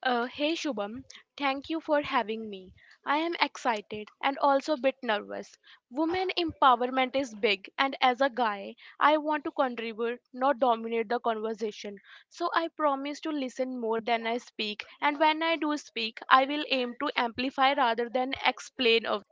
Hey Shubham, thank you for having me. I am excited and also a bit nervous. Women empowerment is big, and as a guy, I want to contribute, not dominate the conversation. So I promise to listen more than I speak, and when I do speak, I will aim to amplify rather than explain away.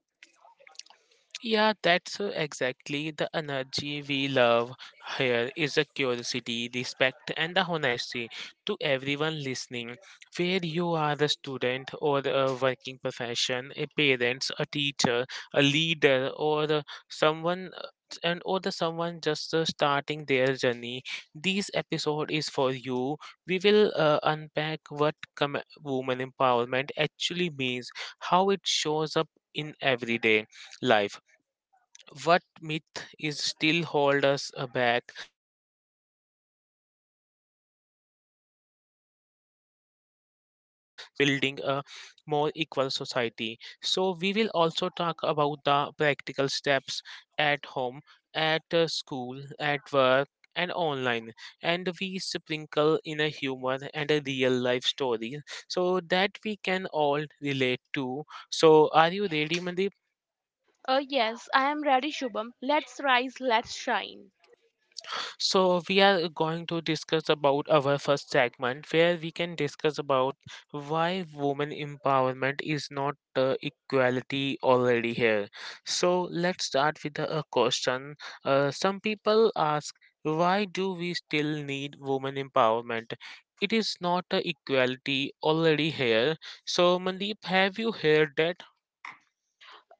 Yes, I am ready, Shubham. Let's rise, let's shine.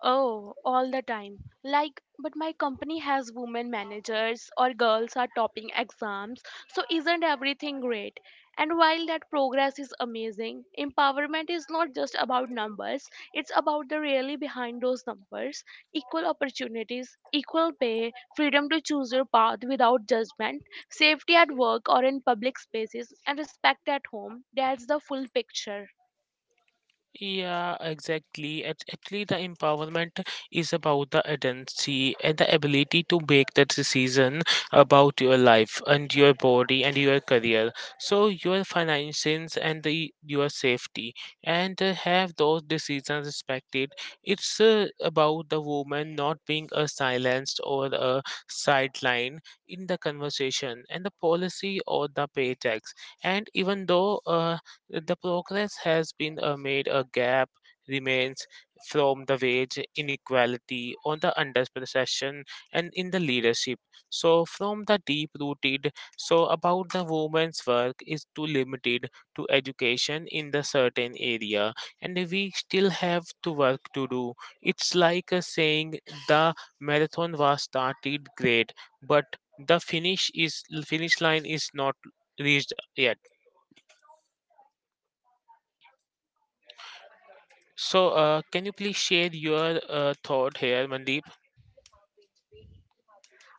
Oh, all the time. Like, but my company has women managers or girls are topping exams, so isn't everything great? And while that progress is amazing, empowerment is not just about numbers, it's about the really behind those numbers equal opportunities, equal pay, freedom to choose your path without judgment, safety at work or in public spaces, and respect at home. That's the full picture.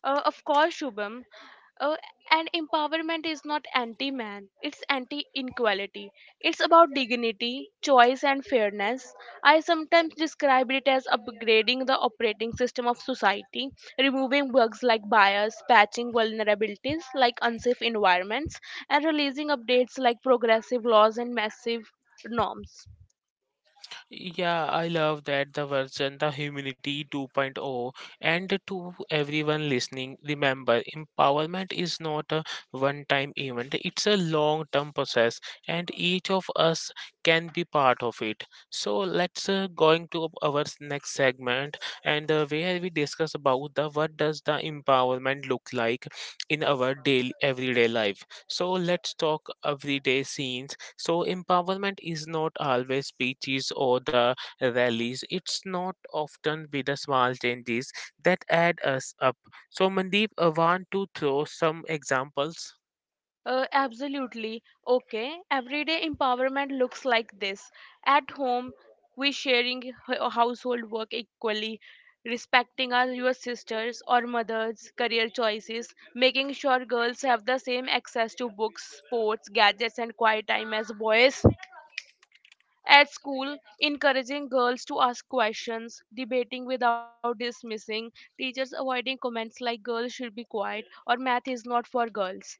Of course, Shubham. Uh, and empowerment is not anti man, it's anti inequality. It's about dignity, choice, and fairness. I sometimes describe it as upgrading the operating system of society, removing bugs like bias, patching vulnerabilities like unsafe environments, and releasing updates like progressive laws and massive norms. Absolutely. Okay. Everyday empowerment looks like this. At home, we sharing household work equally, respecting our your sisters or mothers' career choices, making sure girls have the same access to books, sports, gadgets, and quiet time as boys. At school, encouraging girls to ask questions, debating without dismissing, teachers avoiding comments like girls should be quiet or math is not for girls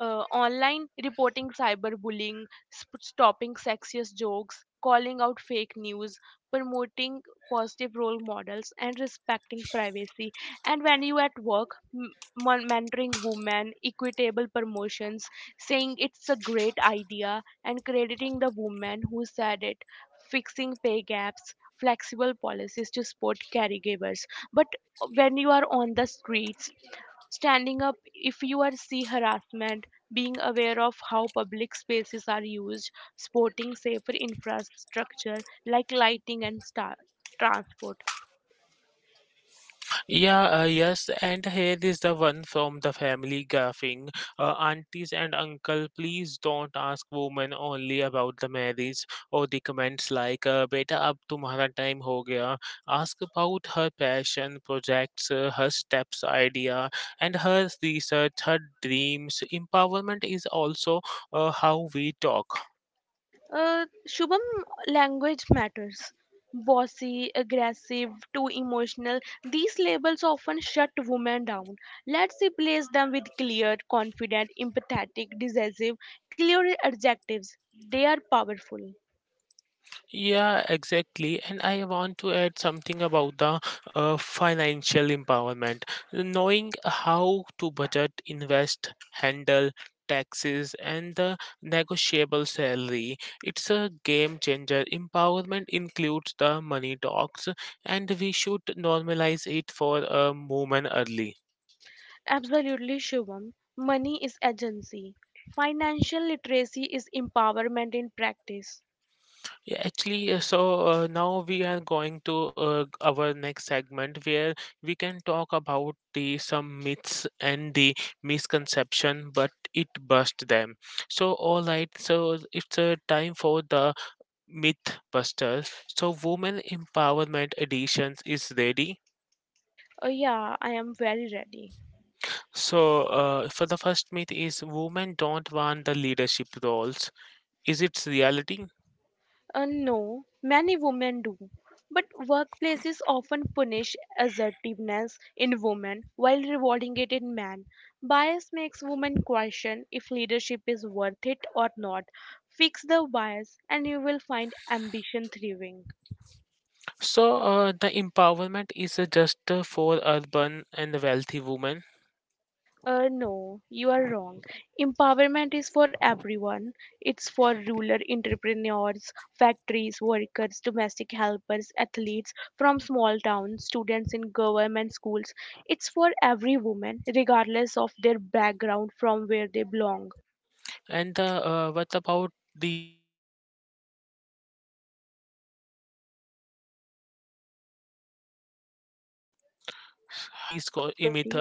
uh, Online reporting cyberbullying, stopping sexist jokes, calling out fake news, promoting positive role models, and respecting privacy. And when you at work, mentoring women, equitable promotions, saying it's a great idea, and crediting the woman who said it, fixing pay gaps, flexible policies to support caregivers. But when you are on the streets, standing up if you are see harassment being aware of how public spaces are used supporting safer infrastructure like lighting and transport. Uh, shubham, language matters. Bossy, aggressive, too emotional, these labels often shut women down. Let's replace them with clear, confident, empathetic, decisive, clear adjectives. They are powerful. Absolutely, Shivam. Money is agency. Financial literacy is empowerment in practice. Yeah, I am very ready. No, many women do. But workplaces often punish assertiveness in women while rewarding it in men. Bias makes women question if leadership is worth it or not. Fix the bias and you will find ambition thriving. No, you are wrong. Empowerment is for everyone. It's for rural entrepreneurs, factories, workers, domestic helpers, athletes from small towns, students in government schools. It's for every woman, regardless of their background from where they belong. Uh, no, the enemy is inequality.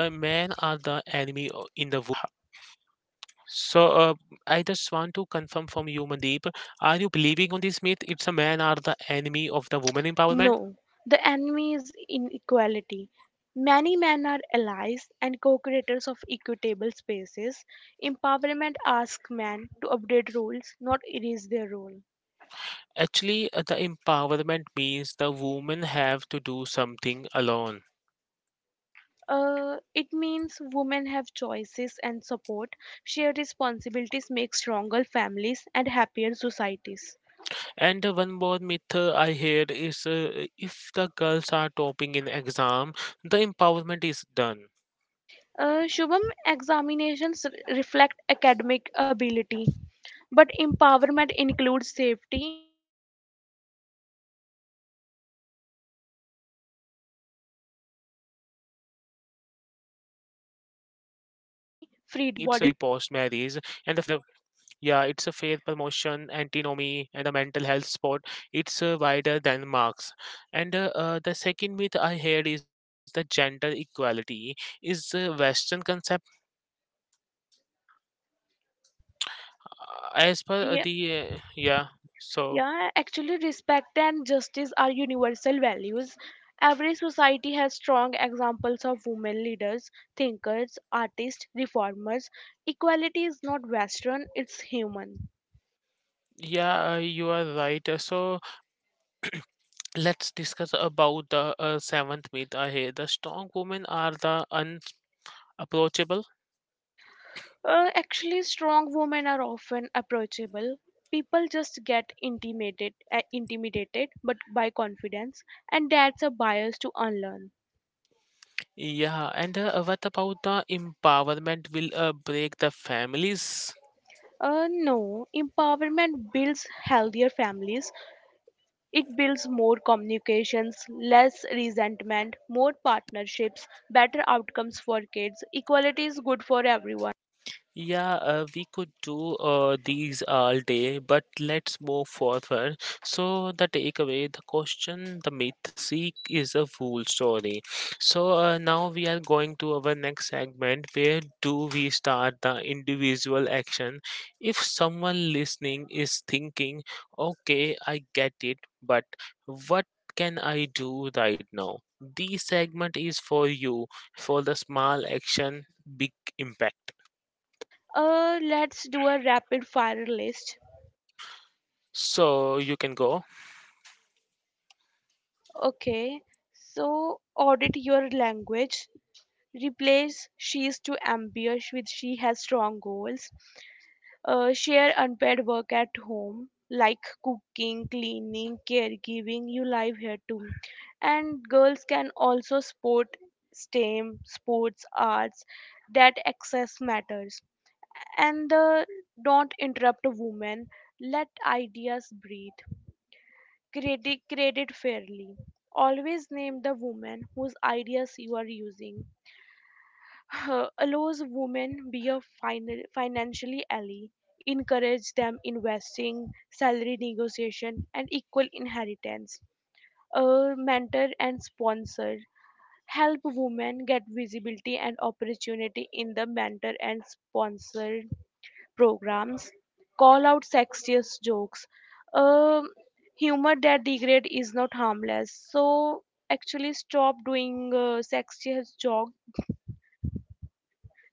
No, the enemy is inequality. Many men are allies and co creators of equitable spaces. Empowerment asks men to update rules, not erase their role. It means women have choices and support, shared responsibilities make stronger families and happier societies. Shubham, examinations reflect academic ability, but empowerment includes safety, freedom, career continuity, post marriage, fair promotions, bodily autonomy. Mental health support it wider than marks. Yeah, yeah, actually, respect and justice are universal values. Every society has strong examples of women leaders, thinkers, artists, reformers. Equality is not Western, it's human. Actually, strong women are often approachable. People just get intimidated, intimidated, but by confidence, and that's a bias to unlearn. No, empowerment builds healthier families. It builds more communications, less resentment, more partnerships, better outcomes for kids. Equality is good for everyone. Let's do a rapid fire list. Okay, so audit your language, replace she is too ambitious with she has strong goals. Share unpaid work at home like cooking, cleaning, caregiving, you live here too. And girls can also sport, stem, sports, arts, that access matters. And don't interrupt a woman, let ideas breathe, credit fairly, always name the woman whose ideas you are using. Allows women be a final, financially ally, encourage them investing, salary negotiation, and equal inheritance. A mentor and sponsor help women get visibility and opportunity in the mentor and sponsored programs. Call out sexist jokes. Um Humor that degrade is not harmless. So actually stop doing sexist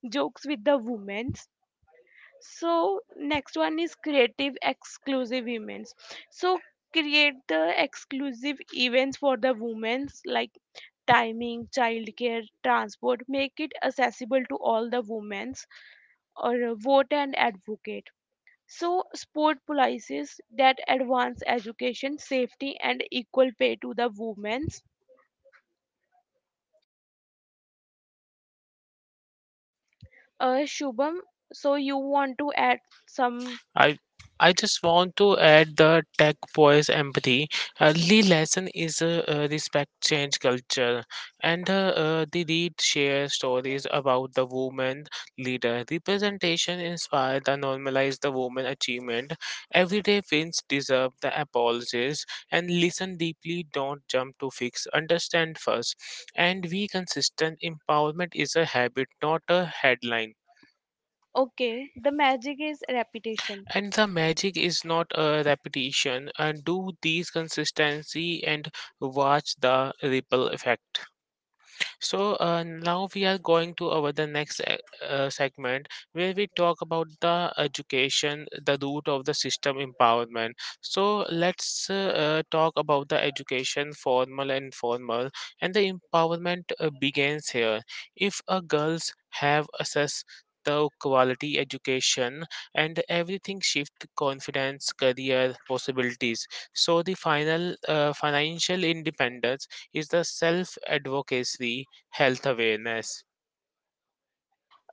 jokes with the women. So next one is creative exclusive events. So create the exclusive events for the women's like timing, childcare, transport, make it accessible to all the women's. Or vote and advocate, so support policies that advance education, safety, and equal pay to the women's. Shubham, so you want to add some. I I just want to add the tech boys empathy. Early lesson is respect change culture, and they read share stories about the woman leader. Representation inspire the normalize the woman achievement. Everyday wins deserve the apologies, and listen deeply. Don't jump to fix. Understand first, and we consistent empowerment is a habit, not a headline. Okay, the magic is repetition. And the magic is not a repetition. And do these consistency and watch the ripple effect. So now we are going to our the next segment where we talk about the education, the root of the system empowerment. So let's talk about the education, formal and informal, and the empowerment begins here. If a girls have access to quality education and everything shift confidence career possibilities so the final financial independence is the self advocacy health awareness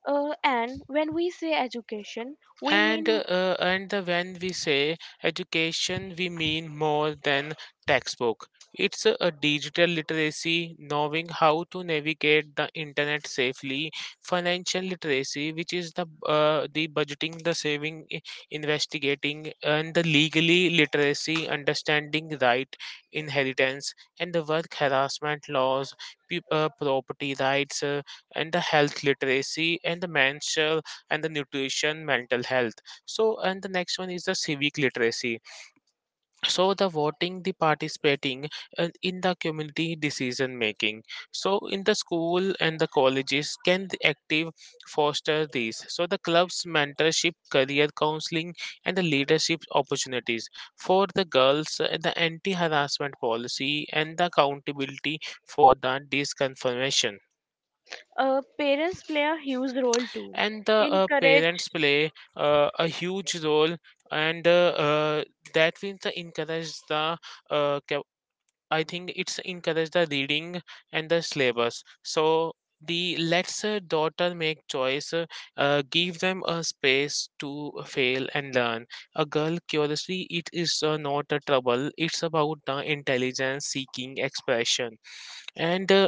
And when we say education, we and mean when we say education we mean more than textbook it's a digital literacy knowing how to navigate the internet safely financial literacy which is the budgeting the saving investigating and the legally literacy understanding right inheritance and the work harassment laws property rights and the health literacy and the menstrual and the nutrition mental health so and the next one is the civic literacy so the voting the participating and in the community decision making so in the school and the colleges can the active foster these so the clubs mentorship career counseling and the leadership opportunities for the girls the anti harassment policy and the accountability for the disconfirmation parents play a huge role too. and the Encourage. parents play a huge role and that will the encourage the uh, ca- I think it's encourage the reading and the syllabus so the let's daughter make choice give them a space to fail and learn a girl curiously it is not a trouble it's about the intelligence seeking expression and uh,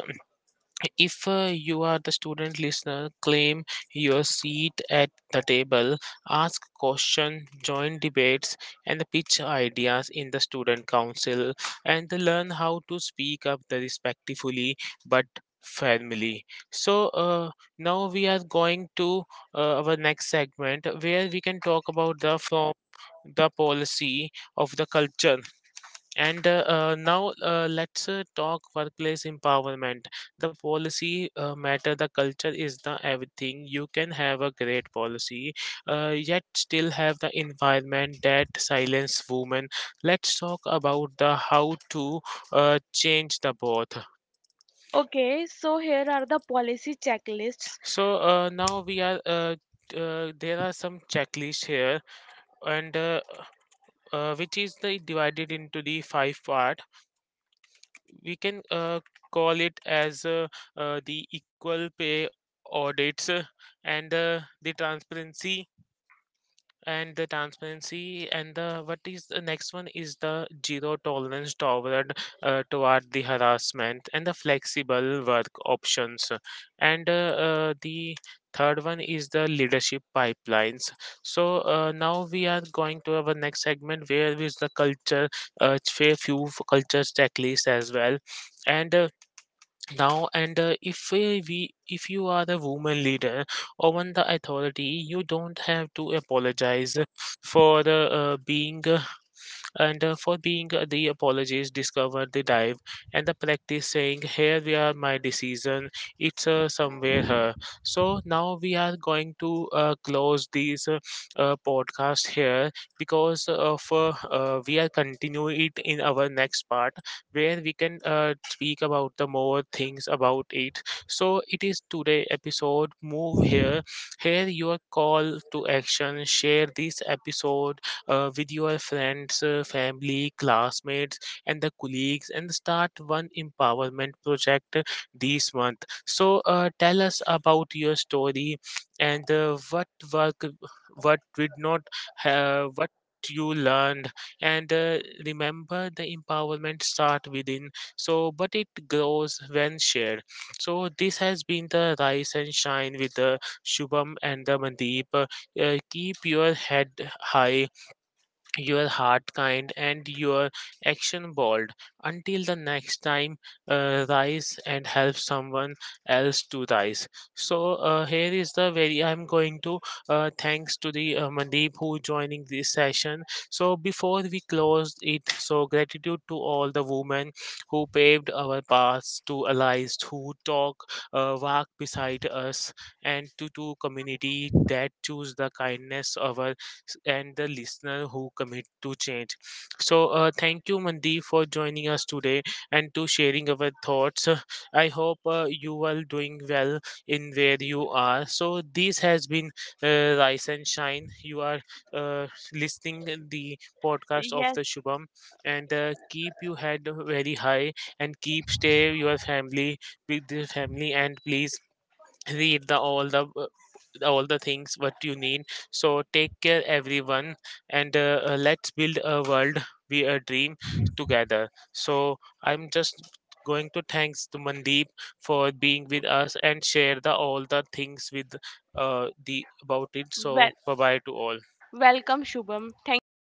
if uh, you are the student listener claim your seat at the table ask questions join debates and pitch ideas in the student council and learn how to speak up the respectfully but firmly so now we are going to our next segment where we can talk about the from the policy of the culture and now let's talk workplace empowerment. The policy matter, the culture is the everything. You can have a great policy, yet still have the environment that silence women. Let's talk about the how to change the both. Okay, so here are the policy checklists. So now we are. There are some checklists here and which is the divided into the five parts we can call it as the equal pay audits and the transparency and the transparency and the what is the next one is the zero tolerance toward toward the harassment and the flexible work options and the third one is the leadership pipelines so now we are going to our next segment where is the culture fair cultures checklist as well and now and if we if you are the woman leader or one the authority you don't have to apologize for the being and for being the apologies discover the dive and the practice saying here we are my decision it's somewhere here so now we are going to close this podcast here because of we are continue it in our next part where we can speak about the more things about it so it is today episode move here here your call to action share this episode with your friends, family, classmates, and the colleagues, and start one empowerment project this month. So, tell us about your story and what work, what did not, what you learned and remember the empowerment start within so but it grows when shared so this has been the Rise and Shine with the Shubham and the Mandeep. Keep your head high, your heart kind, and your action bold until the next time. Rise and help someone else to rise. So here is the very I'm going to thanks to the Mandeep who joining this session so before we close it so gratitude to all the women who paved our paths, to allies who talk walk beside us, and to community that choose the kindness over, and the listener who commit to change. So, thank you, Mandeep, for joining us today and to sharing our thoughts. I hope you are doing well in where you are. So, this has been Rise and Shine. You are listening the podcast of Yes, the Shubham, and keep your head very high and keep stay your family with the family, and please read the all the all the things what you need. So take care everyone, and let's build a world we a dream together. So I'm just going to thanks to Mandeep for being with us and share the all the things with the about it so well, bye bye to all. welcome, Shubham. Thank you.